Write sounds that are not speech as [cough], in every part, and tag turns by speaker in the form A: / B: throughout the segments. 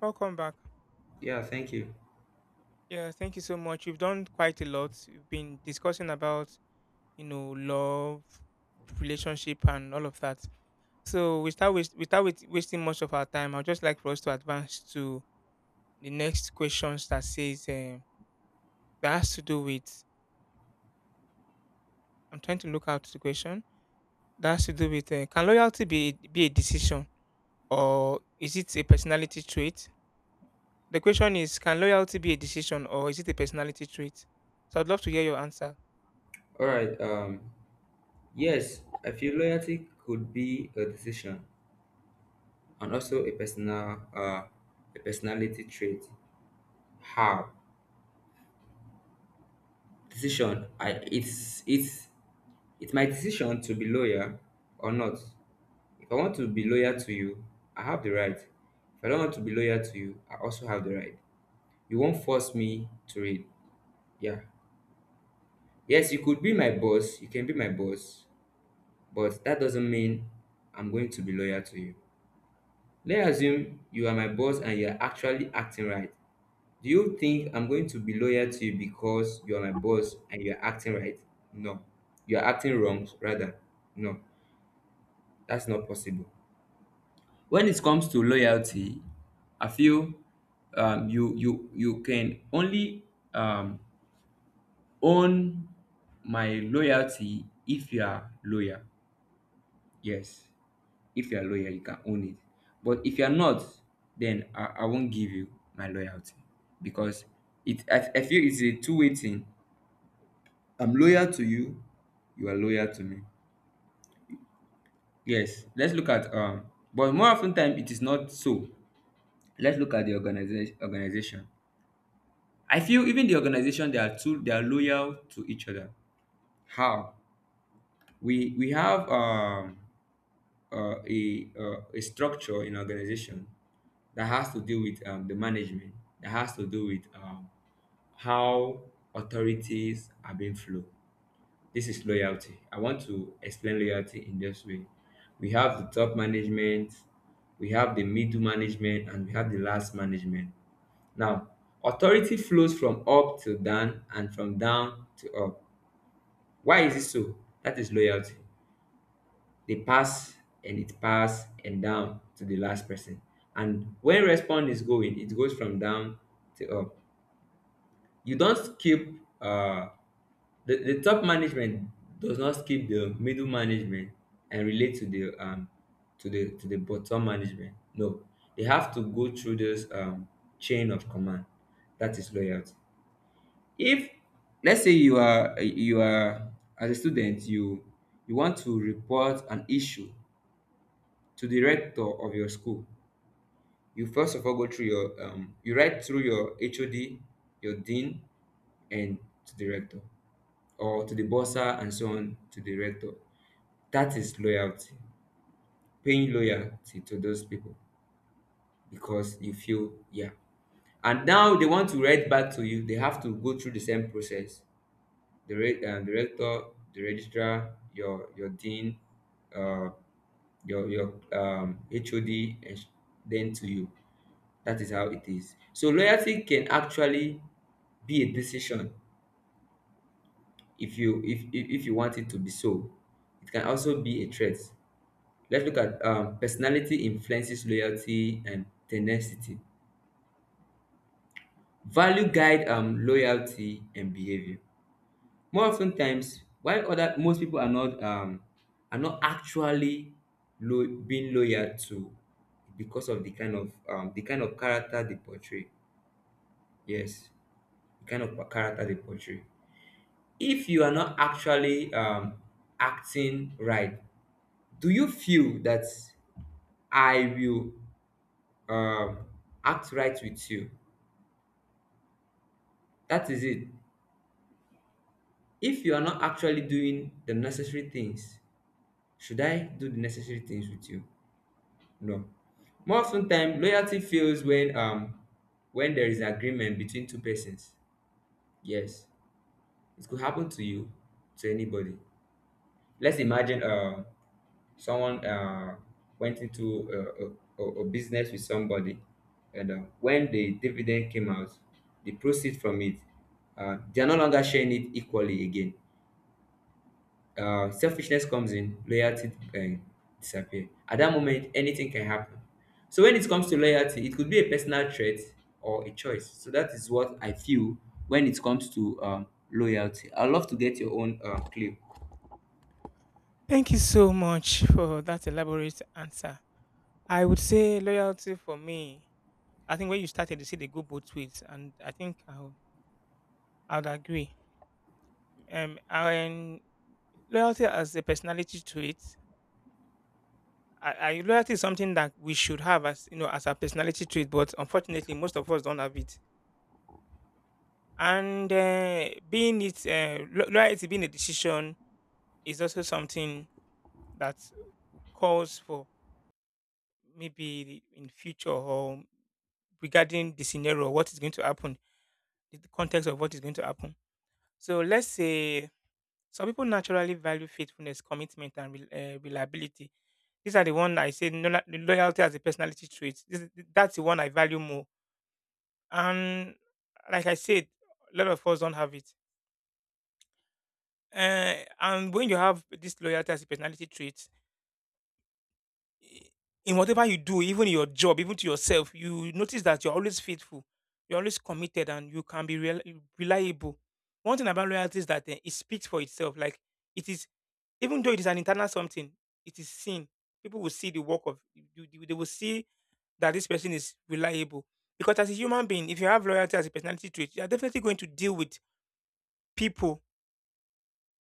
A: Welcome back.
B: Yeah, thank you.
A: Yeah, thank you so much. You've done quite a lot. You've been discussing about, love, relationship, and all of that. So we start with, without wasting much of our time, I'd just like for us to advance to the next questions that says that has to do with. I'm trying to look out the question that has to do with can loyalty be a decision or is it a personality trait? The question is, can loyalty be a decision or is it a personality trait? So I'd love to hear your answer.
B: All right. Yes, I feel loyalty could be a decision and also a a personality trait. How decision? I it's my decision to be loyal or not. If I want to be loyal to you, I have the right. If I don't want to be loyal to you, I also have the right. You won't force me to read. Yeah. Yes, you could be my boss. You can be my boss, but that doesn't mean I'm going to be loyal to you. Let's assume you are my boss and you're actually acting right. Do you think I'm going to be loyal to you because you are my boss and you're acting right? No. You're acting wrong, rather. No, that's not possible. When it comes to loyalty, I feel you can only um, own my loyalty if you are loyal. Yes. If you're a lawyer, you can own it. But if you're not, then I won't give you my loyalty because I feel it's a two-way thing. I'm loyal to you, you are loyal to me. Yes, let's look at but more often time it is not so. Let's look at the organization. I feel even the organization they are loyal to each other. How? We have a structure in organization that has to do with the management, that has to do with how authorities are being flow. This is loyalty. I want to explain loyalty in this way. We have the top management, we have the middle management, and we have the last management. Now, authority flows from up to down and from down to up. Why is it so? That is loyalty they pass and it pass and down to the last person. And when respond is going, it goes from down to up. You don't keep the top management does not skip the middle management and relate to the bottom management. No, they have to go through this chain of command. That is loyalty. If let's say you are as a student you want to report an issue to the rector of your school. You first of all go through your you write through your HOD, your dean, and to the rector or to the bursar and so on to the rector. That is loyalty, paying loyalty to those people because you feel yeah. And now they want to write back to you. They have to go through the same process. The rector, the registrar, your dean, uh, your HOD, then to you. That is how it is. So loyalty can actually be a decision if you want it to be so. It can also be a threat. Let's look at personality influences loyalty and tenacity. Value guide loyalty and behavior. More often times, while other most people are not actually being loyal to because of the kind of the kind of character they portray. Yes, the kind of character they portray. If you are not actually acting right, do you feel that I will um, act right with you? That is it. If you are not actually doing the necessary things, should I do the necessary things with you? No. More often time loyalty fails when there is agreement between two persons. Yes, it could happen to you, to anybody. Let's imagine someone went into a business with somebody, and when the dividend came out, the proceeds from it, they are no longer sharing it equally again. Selfishness comes in, loyalty disappear. At that moment, anything can happen. So when it comes to loyalty, it could be a personal trait or a choice. So that is what I feel when it comes to loyalty. I'd love to get your own clue.
A: Thank you so much for that elaborate answer. I would say loyalty for me. I think when you started, you said they go both ways, and I think I'd agree. And loyalty as a personality trait. Loyalty is something that we should have, as you know, as a personality trait, but unfortunately, most of us don't have it. And being it loyalty being a decision is also something that calls for, maybe in future, or regarding the scenario, what is going to happen, the context of what is going to happen. So let's say some people naturally value faithfulness, commitment, and reliability. These are the one I say, no, the loyalty as a personality trait. That's the one I value more. And like I said, a lot of us don't have it. And when you have this loyalty as a personality trait, i- in whatever you do, even in your job, even to yourself, you notice that you're always faithful, you're always committed, and you can be reliable. One thing about loyalty is that, it speaks for itself. Like, it is, even though it is an internal something, it is seen. People will see the work of you. They will see that this person is reliable. Because as a human being, if you have loyalty as a personality trait, you are definitely going to deal with people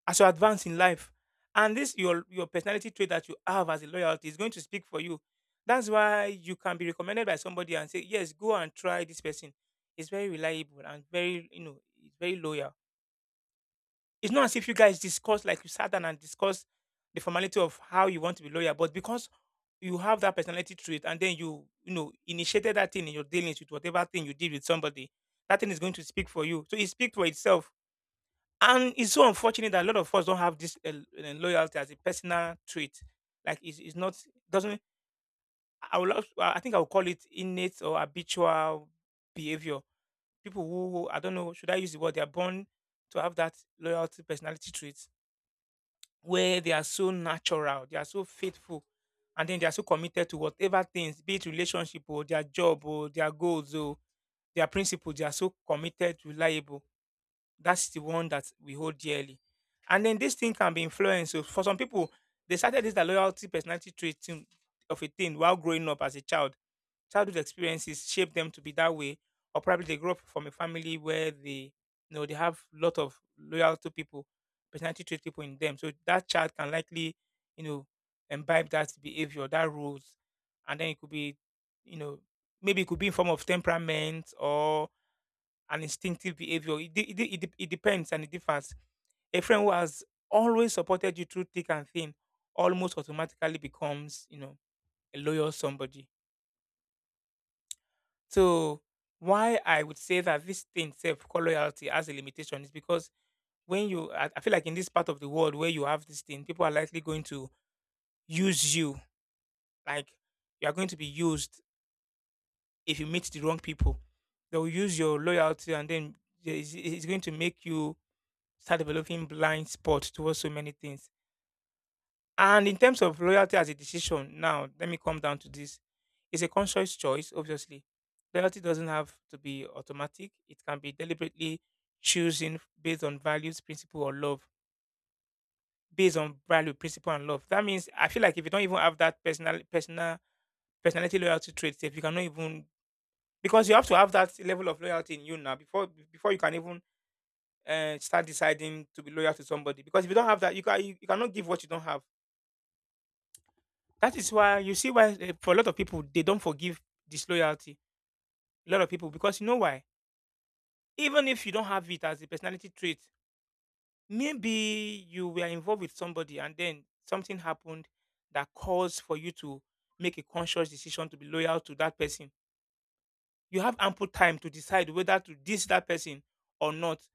A: as you advance in life. And this your personality trait that you have as a loyalty is going to speak for you. That's why you can be recommended by somebody and say, yes, go and try this person. It's very reliable and very, it's very loyal. It's not as if you guys discuss, like you sat down and discuss the formality of how you want to be loyal, but because you have that personality trait and then you initiated that thing in your dealings with whatever thing you did with somebody, that thing is going to speak for you. So it speaks for itself, and it's so unfortunate that a lot of us don't have this loyalty as a personal trait. Like, it's not doesn't. I think I would call it innate or habitual behavior. People who I don't know, should I use the word they are born to have that loyalty personality trait, where they are so natural, they are so faithful, and then they are so committed to whatever things, be it relationship or their job or their goals or their principles. They are so committed, reliable. That's the one that we hold dearly. And then this thing can be influenced. So for some people, they started this that loyalty personality trait of a thing while growing up as a child. Childhood experiences shape them to be that way, or probably they grew up from a family where they, they have lot of loyal to people, personality trait people in them. So that child can likely, you know, imbibe that behavior, that rules. And then it could be, you know, maybe it could be in form of temperament or an instinctive behavior. It depends and it differs. A friend who has always supported you through thick and thin almost automatically becomes, a loyal somebody. So why I would say that this thing self called loyalty has a limitation is because I feel like, in this part of the world where you have this thing, people are likely going to use you. Like, you are going to be used if you meet the wrong people. They'll use your loyalty, and then it's going to make you start developing blind spot towards so many things. And in terms of loyalty as a decision, now let me come down to this. It's a conscious choice, obviously. Loyalty doesn't have to be automatic. It can be deliberately choosing based on values, principle, or love. Based on value, principle, and love. That means I feel like, if you don't even have that personality loyalty trait, if you cannot even, because you have to have that level of loyalty in you now before you can even start deciding to be loyal to somebody. Because if you don't have that, you cannot give what you don't have. That is why you see why, for a lot of people they don't forgive disloyalty. A lot of people, because you know why? Even if you don't have it as a personality trait, maybe you were involved with somebody and then something happened that caused for you to make a conscious decision to be loyal to that person. You have ample time to decide whether to diss that person or not,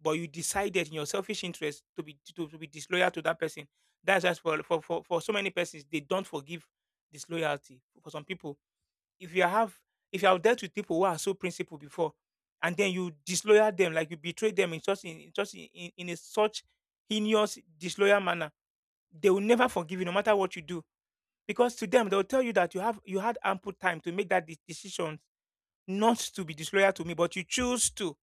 A: but you decided in your selfish interest to be disloyal to that person. That's just for so many persons they don't forgive disloyalty. For some people, if you have if you have dealt with people who are so principled before, and then you disloyal them, like you betray them in such in such in a such heinous disloyal manner, they will never forgive you no matter what you do, because to them, they'll tell you that you had ample time to make that decision not to be disloyal to me, but you choose to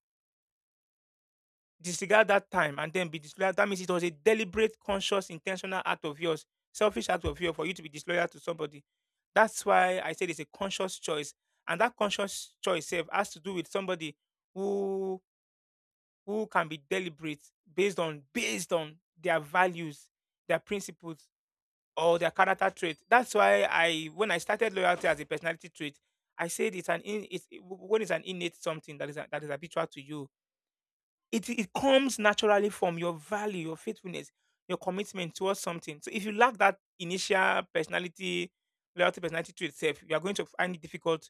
A: disregard that time and then be disloyal. That means it was a deliberate, conscious, intentional act of yours, selfish act of yours, for you to be disloyal to somebody. That's why I said it's a conscious choice. And that conscious choice self has to do with somebody who who can be deliberate, based on their values, their principles, or their character trait. That's why I when I started loyalty as a personality trait, I said it's an in, it's when it's an innate something that is habitual to you. It comes naturally from your value, your faithfulness, your commitment towards something. So if you lack that initial personality, loyalty personality to itself, you are going to find it difficult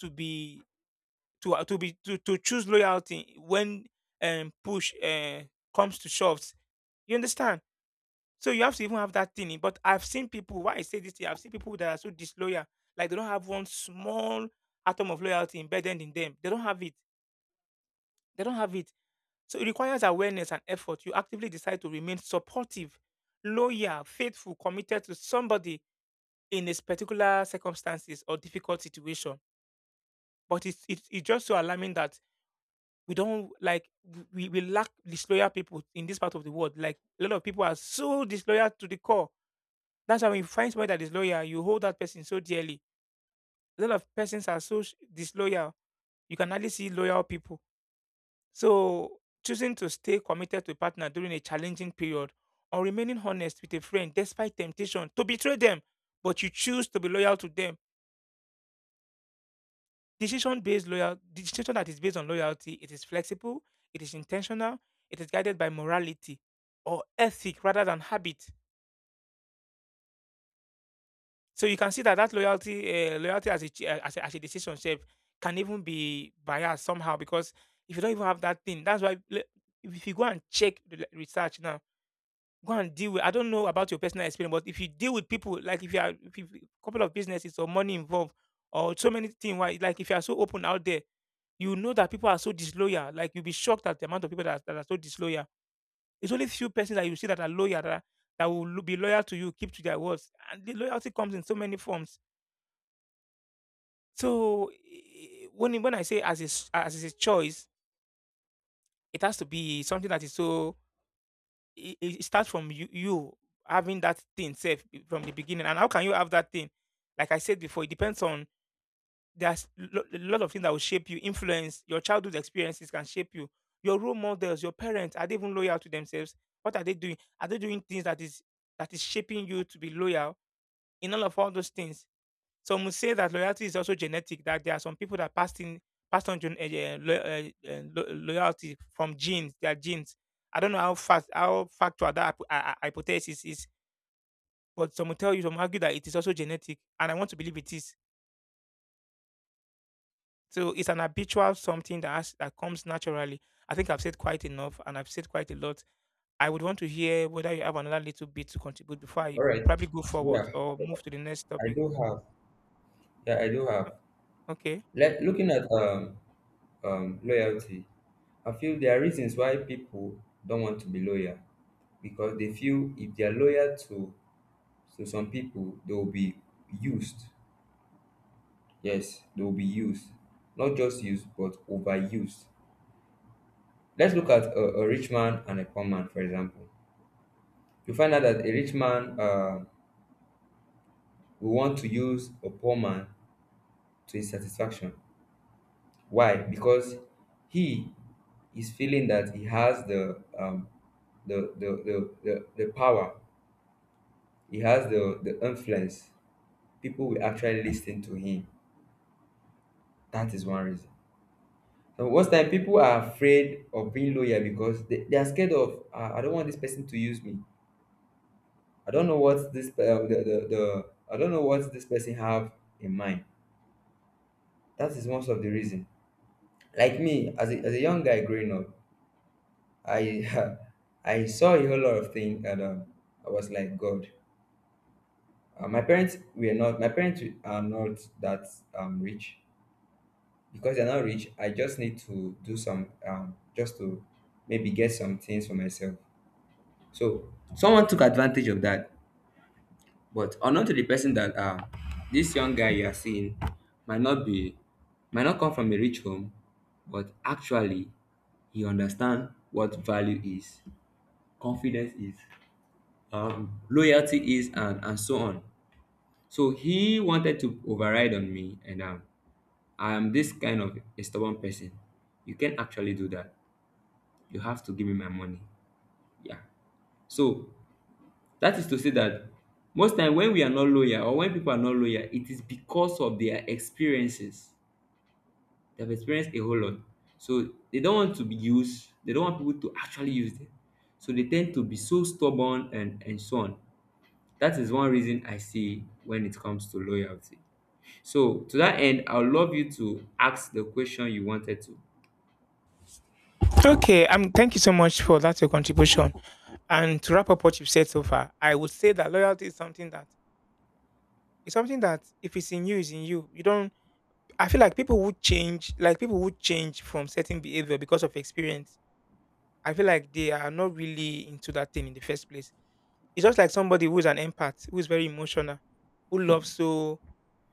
A: to be, to choose loyalty when push comes to shoves. You understand? So you have to even have that thing. But I've seen people, why I say this thing, I've seen people that are so disloyal, like they don't have one small atom of loyalty embedded in them. They don't have it. They don't have it. So it requires awareness and effort. You actively decide to remain supportive, loyal, faithful, committed to somebody in this particular circumstances or difficult situation. But it's just so alarming that we don't like, we lack disloyal people in this part of the world. Like, a lot of people are so disloyal to the core. That's why when you find somebody that is loyal, you hold that person so dearly. A lot of persons are so disloyal. You can hardly see loyal people. So, choosing to stay committed to a partner during a challenging period, or remaining honest with a friend despite temptation to betray them, but you choose to be loyal to them. Decision that is based on loyalty, it is flexible, it is intentional, it is guided by morality or ethic rather than habit. So you can see that that loyalty as a, ch- as a decision shape can even be biased somehow, because if you don't even have that thing, that's why if you go and check the research now. Go and deal with, I don't know about your personal experience, but if you deal with people, like if you are if you, couple of businesses or money involved, or so many things, why, like if you are so open out there, you know that people are so disloyal. Like, you'll be shocked at the amount of people that are so disloyal. It's only few persons that you see that are loyal, that will be loyal to you, keep to their words, and the loyalty comes in so many forms. So when I say as a choice, it has to be something that is so it starts from you having that thing safe from the beginning. And how can you have that thing? Like I said before, it depends on a lot of things that will shape you. Influence your childhood experiences can shape you. Your role models, your parents, are they even loyal to themselves? What are they doing? Are they doing things that is shaping you to be loyal? In all those things, some would say that loyalty is also genetic, that there are some people that passed on loyalty from genes, their genes. I don't know how factual that hypothesis is, but some will tell you, some argue that it is also genetic, and I want to believe it is. So it's an habitual something that comes naturally. I think I've said quite enough, and I've said quite a lot. I would want to hear whether you have another little bit to contribute before I
B: All right.
A: probably go
B: Yeah,
A: forward or move to the next
B: I
A: topic.
B: do have. Yeah, I do have.
A: Okay.
B: Looking at loyalty, I feel there are reasons why people don't want to be loyal because they feel if they are loyal to some people, they will be used. Yes, they will be used. Not just used, but overused. Let's look at a rich man and a poor man, for example. You find out that a rich man will want to use a poor man to his satisfaction. Why? Because he is feeling that he has the the power, he has the influence. People will actually listen to him. That is one reason. So most time people are afraid of being loyal because they are scared of, "Ah, I don't want this person to use me. I don't know what this pe- the I don't know what this person have in mind." That is one of the reason. Like me, as as a young guy growing up, I [laughs] I saw a whole lot of things, and I was like, God, my parents were not. My parents are not that rich. Because they're not rich, I just need to do some just to maybe get some things for myself. So someone took advantage of that, but unknown to the person that this young guy you are seeing might not be, might not come from a rich home, but actually he understand what value is, confidence is, loyalty is, and so on. So he wanted to override on me, and I am this kind of a stubborn person. You can't actually do that. You have to give me my money. Yeah. So that is to say that most time when we are not loyal or when people are not loyal, it is because of their experiences. They've experienced a whole lot. So they don't want to be used. They don't want people to actually use them. So they tend to be so stubborn and so on. That is one reason I see when it comes to loyalty. So, to that end, I would love you to ask the question you wanted to.
A: Okay. Thank you so much for that your contribution. And to wrap up what you've said so far, I would say that loyalty is something that it's something that if it's in you, it's in you. You don't. I feel like people would change, like people would change from certain behavior because of experience. I feel like they are not really into that thing in the first place. It's just like somebody who's an empath, who's very emotional, who loves so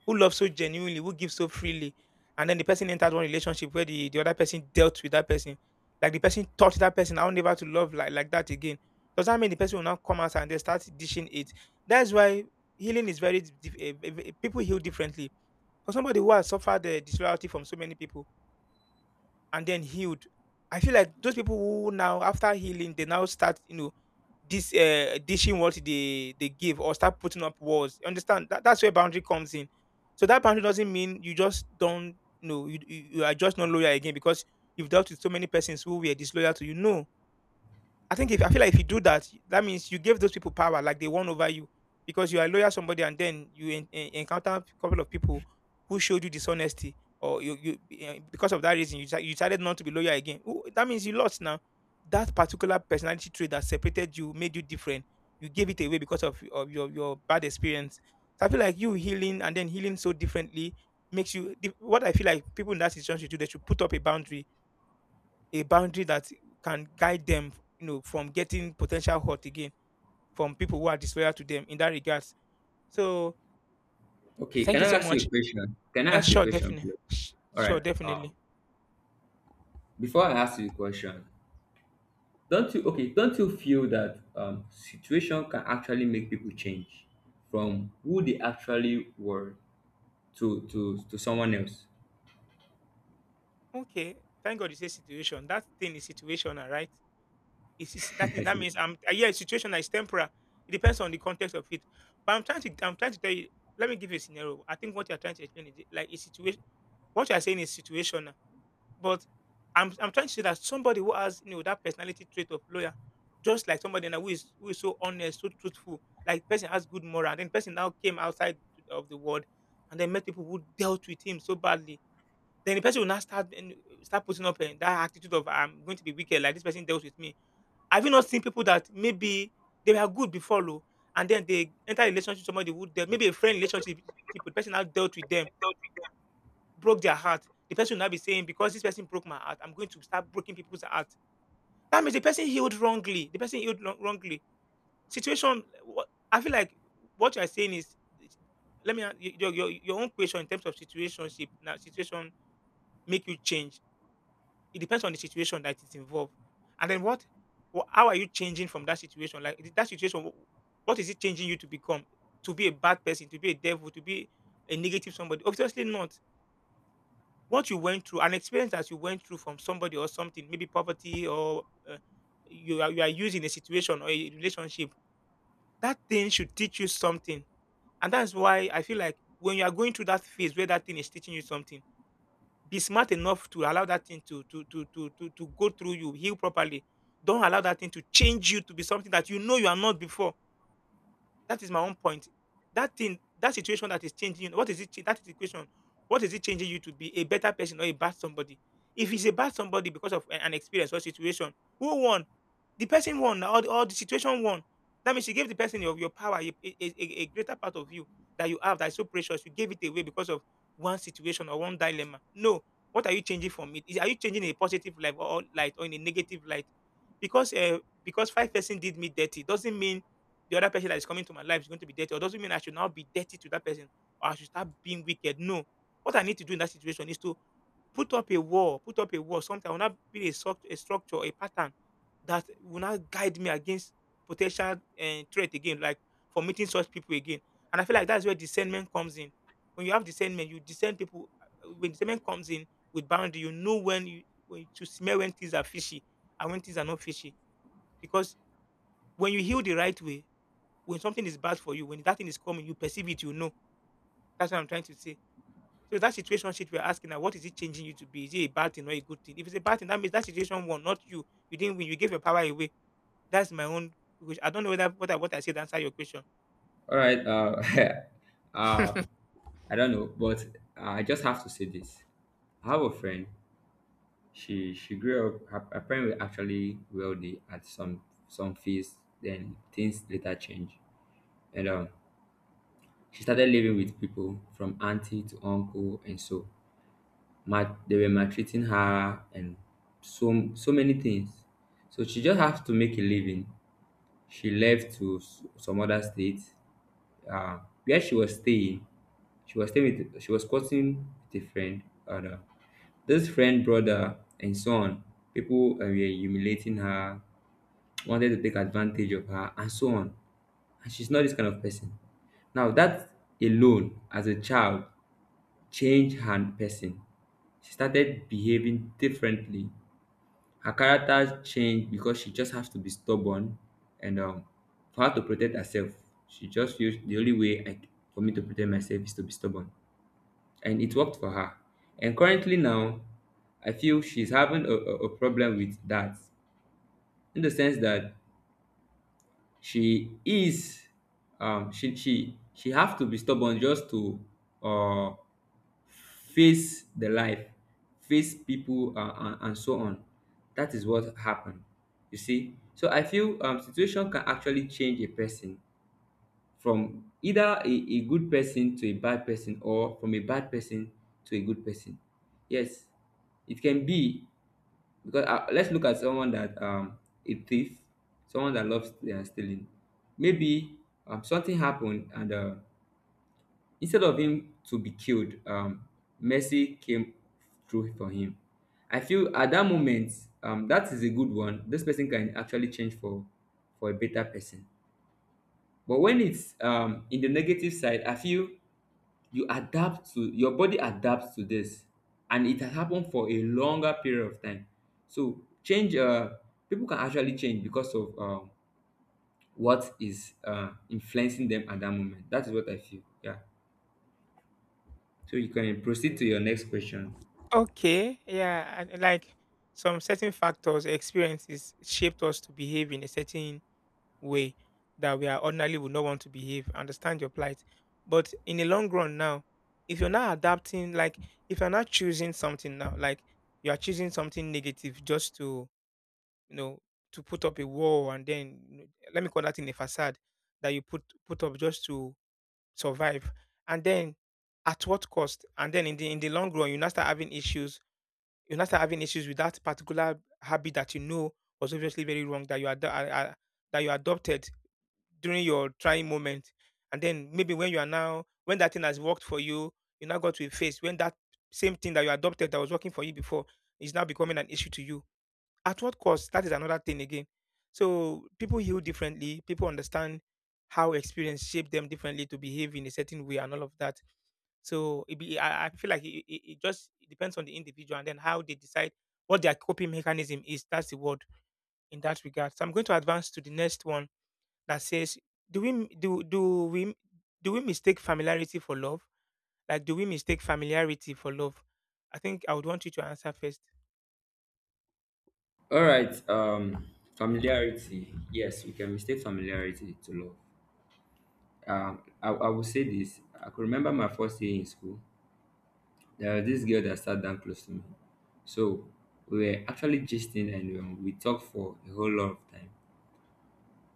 A: who love so genuinely, who give so freely. And then the person entered one relationship where the other person dealt with that person. Like the person taught that person, I will never to love like that again. Does that mean the person will now come out and they start dishing it? That's why healing is very, dif- eh, eh, eh, people heal differently. For somebody who has suffered disloyalty from so many people, and then healed. I feel like those people who now after healing they now start this dishing what they give or start putting up walls. You understand that that's where boundary comes in. So that boundary doesn't mean you just don't you are just not loyal again because you've dealt with so many persons who were disloyal to you. No, I feel like if you do that, that means you give those people power, like they won over you, because you are loyal somebody, and then you encounter a couple of people who showed you dishonesty, or because of that reason you decided not to be loyal again. Ooh, that means you lost now. That particular personality trait that separated you, made you different. You gave it away because of your bad experience. So I feel like you healing and then healing so differently what I feel like people in that situation should do, they should put up a boundary that can guide them, you know, from getting potential hurt again from people who are disloyal to them in that regards. So
B: Okay,
A: thank
B: can
A: you
B: I
A: so
B: ask you a
A: much.
B: question? Can I ask you a
A: Sure,
B: question,
A: definitely.
B: please? All right.
A: Sure, definitely.
B: Before I ask you a question, don't you okay? Don't you feel that situation can actually make people change from who they actually were to someone else?
A: Okay. Thank God you say situation. That thing is situational, right? It's that
B: [laughs] I
A: thing that
B: said,
A: means I'm yeah, situation that is temporary. It depends on the context of it. But I'm trying to tell you. Let me give you a scenario. I think what you're trying to explain is like a situation. What you're saying is situational, but I'm trying to say that somebody who has you know that personality trait of lawyer, just like somebody now who is so honest, so truthful, like person has good moral, then person now came outside of the world and then met people who dealt with him so badly. Then the person will now start and start putting up that attitude of I'm going to be wicked, like this person dealt with me have you not seen people that maybe they were good before oh, and then they enter a relationship with somebody who dealt maybe a friend relationship with the person now dealt with them, broke their heart. The person will now be saying, because this person broke my heart, I'm going to start breaking people's heart. That means the person healed wrongly. The person healed wrongly. Situation. wha- I feel like what you are saying is, your own question in terms of situationship. Now, situation make you change It depends on the situation that is involved. And then how are you changing from that situation? Like that situation, what is it changing you to become? To be a bad person, to be a devil, to be a negative somebody? Obviously not. What you went through, an experience that you went through from somebody or something, maybe poverty or you are used in a situation or a relationship, that thing should teach you something. And that's why I feel like when you are going through that phase where that thing is teaching you something be smart enough to allow that thing to go through you, heal properly. Don't allow that thing to change you to be something that you know you are not before. That is my own point. That thing, that situation that is changing you, what is it? That is the question. What is it changing you to be a better person or a bad somebody? If it's a bad somebody because of an experience or situation, who won? The person won, or the situation won. That means you gave the person your power, a greater part of you that you have that is so precious. You gave it away because of one situation or one dilemma. No, what are you changing from it? Are you changing in a positive light or in a negative light? Because five-person did me dirty doesn't mean the other person that is coming to my life is going to be dirty, or doesn't mean I should now be dirty to that person or I should start being wicked. No. What I need to do in that situation is to put up a wall, put up a wall, something that will not be a structure, a pattern that will not guide me against potential threat again, like for meeting such people again. And I feel like that's where discernment comes in. When you have discernment, you discern people. When discernment comes in with boundary, you know when to smell when things are fishy and when things are not fishy. Because when you heal the right way, when something is bad for you, when that thing is coming, you perceive it, you know. That's what I'm trying to say. So that situation shit we're asking now, what is it changing you to be? Is it a bad thing or a good thing? If it's a bad thing, that means that situation won, not you. You didn't win. You gave your power away. That's my own question. I don't know whether what I said answer your question.
B: all right. [laughs] Uh, I don't know, but I just have to say this. I have a friend. She grew up. Her parents were actually wealthy at some feast. Then things later changed, and she started living with people from auntie to uncle, and so they were maltreating her and so so many things. So she just has to make a living. She left to some other state, uh, where she was staying. She was staying with, she was courting with a friend. And, this friend, brother, and so on. People were humiliating her, wanted to take advantage of her, and so on. And she's not this kind of person. Now, that alone, as a child, changed her person. She started behaving differently. Her character changed because she just has to be stubborn, and for her to protect herself, she just feels the only way for me to protect myself is to be stubborn, and it worked for her. And currently now, I feel she's having a problem with that, in the sense that she is she have to be stubborn just to uh face the life, face people, and so on. That is what happened. You see, so I feel situation can actually change a person from either a good person to a bad person, or from a bad person to a good person. Yes, it can be. Because let's look at someone that a thief, someone that loves stealing. Maybe something happened, and instead of him to be killed, mercy came through for him. I feel at that moment, that is a good one. This person can actually change for a better person. But when it's in the negative side, I feel you adapt to, your body adapts to this, and it has happened for a longer period of time. So change people can actually change because of what is influencing them at that moment. That is what I feel, yeah. So you can proceed to your next question.
A: Okay, yeah, and like some certain factors, experiences shaped us to behave in a certain way that we are ordinarily would not want to behave. Understand your plight. But in the long run now, if you're not adapting, like if you're not choosing something now, like you are choosing something negative just to, you know, to put up a wall and then you know, let me call that in a facade that you put up just to survive. And then at what cost? And then in the long run, you now start having issues. You now start having issues with that particular habit that you know was obviously very wrong that that you adopted during your trying moment. And then maybe when you are now, when that thing has worked for you, you now got to a phase when that same thing that you adopted that was working for you before is now becoming an issue to you. At what cost? That is another thing again. So people heal differently. People understand how experience shaped them differently to behave in a certain way and all of that. So I feel like it just depends on the individual and then how they decide what their coping mechanism is. That's the word in that regard. So I'm going to advance to the next one that says, do we do do we do we mistake familiarity for love? Like, do we mistake familiarity for love? I think I would want you to answer first.
B: All right. Familiarity, yes, you can mistake familiarity to love. I will say this. I could remember my first day in school. There was this girl that sat down close to me. So we were actually gisting, and we talked for a whole lot of time.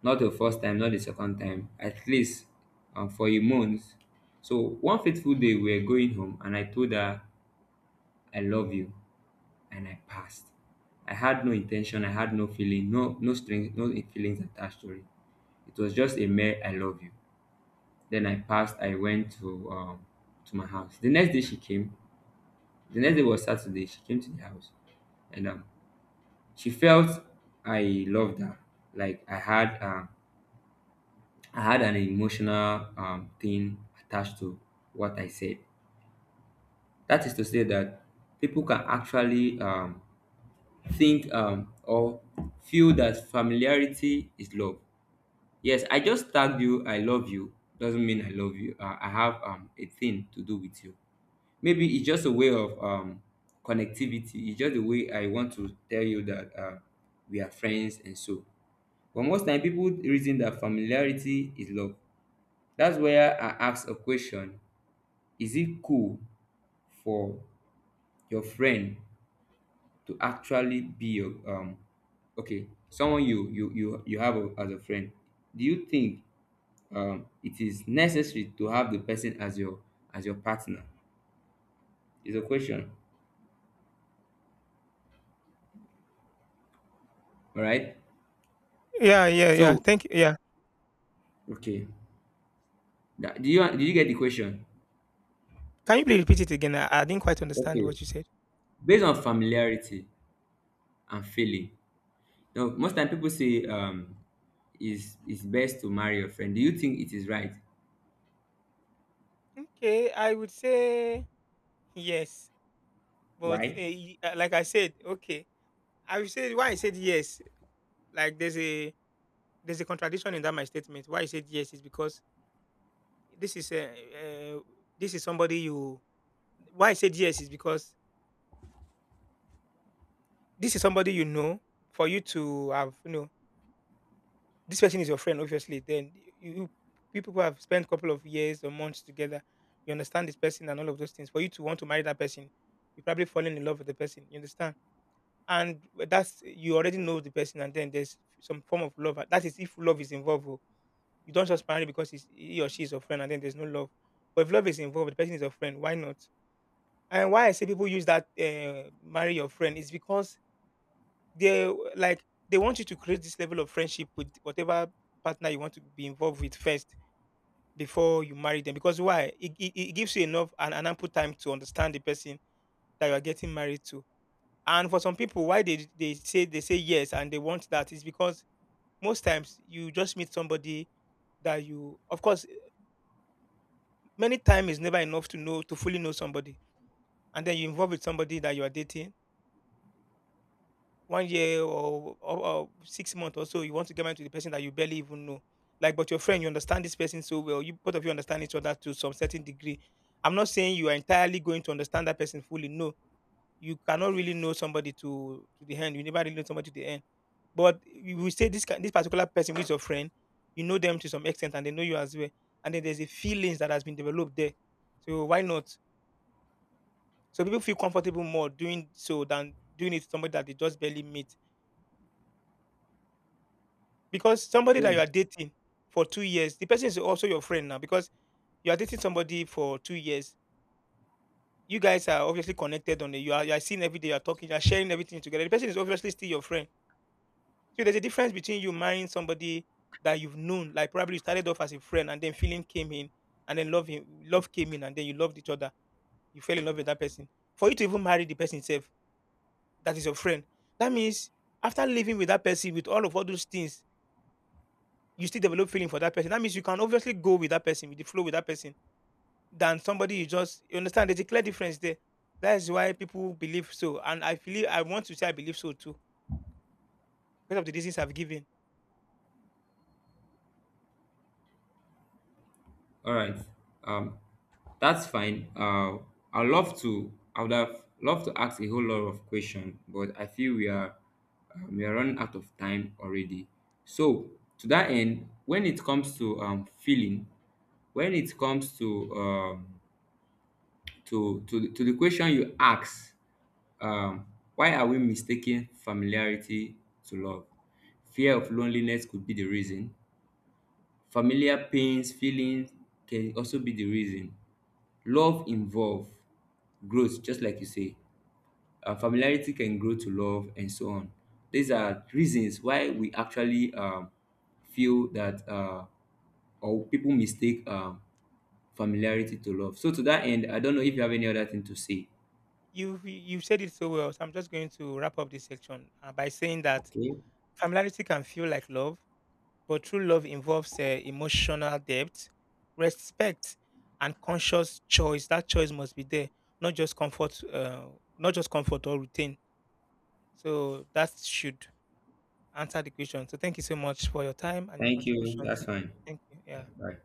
B: Not the first time, not the second time, at least for a month. So one fateful day we were going home and I told her I love you, and I passed. I had no intention, I had no feeling, no no strings, no feelings attached to it. It was just a mere I love you. Then I passed, I went to my house. The next day she came. The next day was Saturday. She came to the house and she felt I loved her. Like I had an emotional thing attached to what I said. That is to say that people can actually think or feel that familiarity is love. Yes, I just tagged you I love you doesn't mean I love you. I have a thing to do with you. Maybe it's just a way of connectivity. It's just the way I want to tell you that we are friends and so. But most time people reason that familiarity is love. That's where I ask a question. Is it cool for your friend to actually be your okay, someone you have a, as a friend, do you think it is necessary to have the person as your, as your partner? Is a question. All right.
A: Yeah, yeah, yeah.
B: So,
A: Thank you. Yeah.
B: okay, that, do you, did you get the question?
A: Can you please repeat it again? I didn't quite understand
B: Okay.
A: what you said.
B: Based on familiarity and failing. Now, most time people say is it's best to marry your friend. Do you think it is right?
A: Okay, I would say yes, but
B: Why?
A: like I said, okay, I would say why I said yes. Like there's a contradiction in that my statement. Why I said yes is because this is a this is somebody you. Why I said yes is because this is somebody you know. For you to have, you know, this person is your friend, obviously, then you people have spent a couple of years or months together. You understand this person and all of those things. For you to want to marry that person, you probably fallen in love with the person. You understand, and that's you already know the person, and then there's some form of love. That is if love is involved. Oh, you don't just marry because he or she is your friend, and then there's no love. But if love is involved, the person is your friend. Why not? And why I say people use that marry your friend is because they want you to create this level of friendship with whatever partner you want to be involved with first before you marry them because why it gives you enough and an ample time to understand the person that you are getting married to. And for some people why they say yes and they want that is because most times you just meet somebody that you, of course, many time is never enough to know, to fully know somebody. And then you involve with somebody that you are dating 1 year or 6 months or so, you want to get married to the person that you barely even know. Like, but your friend, you understand this person so well. You, both of you, understand each other to some certain degree. I'm not saying you are entirely going to understand that person fully. No, you cannot really know somebody to the end. You never really know somebody to the end. But we will say this this particular person who is your friend, you know them to some extent, and they know you as well. And then there's a feelings that has been developed there. So why not? So people feel comfortable more doing so than doing it to somebody that they just barely meet. Because somebody that you
B: Okay.
A: are dating for 2 years, the person is also your friend now because you are dating somebody for 2 years. You guys are obviously connected on the, you are, you are seeing every day, you are talking, you are sharing everything together. The person is obviously still your friend. So there's a difference between you marrying somebody that you've known, like probably you started off as a friend and then feeling came in and then love came in and then you loved each other. You fell in love with that person. For you to even marry the person itself, that is your friend. That means after living with that person with all of all those things you still develop feeling for that person. That means you can obviously go with that person, with the flow with that person, than somebody you just you understand. There's a clear difference there. That is why people believe so, and I feel I want to say I believe so too because of the reasons I've given.
B: All right. Um, that's fine. I love to. I would have loved to ask a whole lot of questions, but I feel we are running out of time already. So to that end, when it comes to feeling, when it comes to the question you ask, um, why are we mistaking familiarity to love? Fear of loneliness could be the reason. Familiar pains feelings can also be the reason. Love involve growth, just like you say. Familiarity can grow to love and so on. These are reasons why we actually feel that or people mistake familiarity to love. So to that end, I don't know if you have any other thing to say.
A: You said it so well, so I'm just going to wrap up this section by saying that
B: Okay.
A: familiarity can feel like love, but true love involves emotional depth, respect, and conscious choice. That choice must be there, not just comfort, or routine. So that should answer the question. So thank you so much for your time and your
B: Thank you.
A: contributions.
B: That's fine.
A: Thank you.
B: Yeah.
A: Yeah.
B: Bye.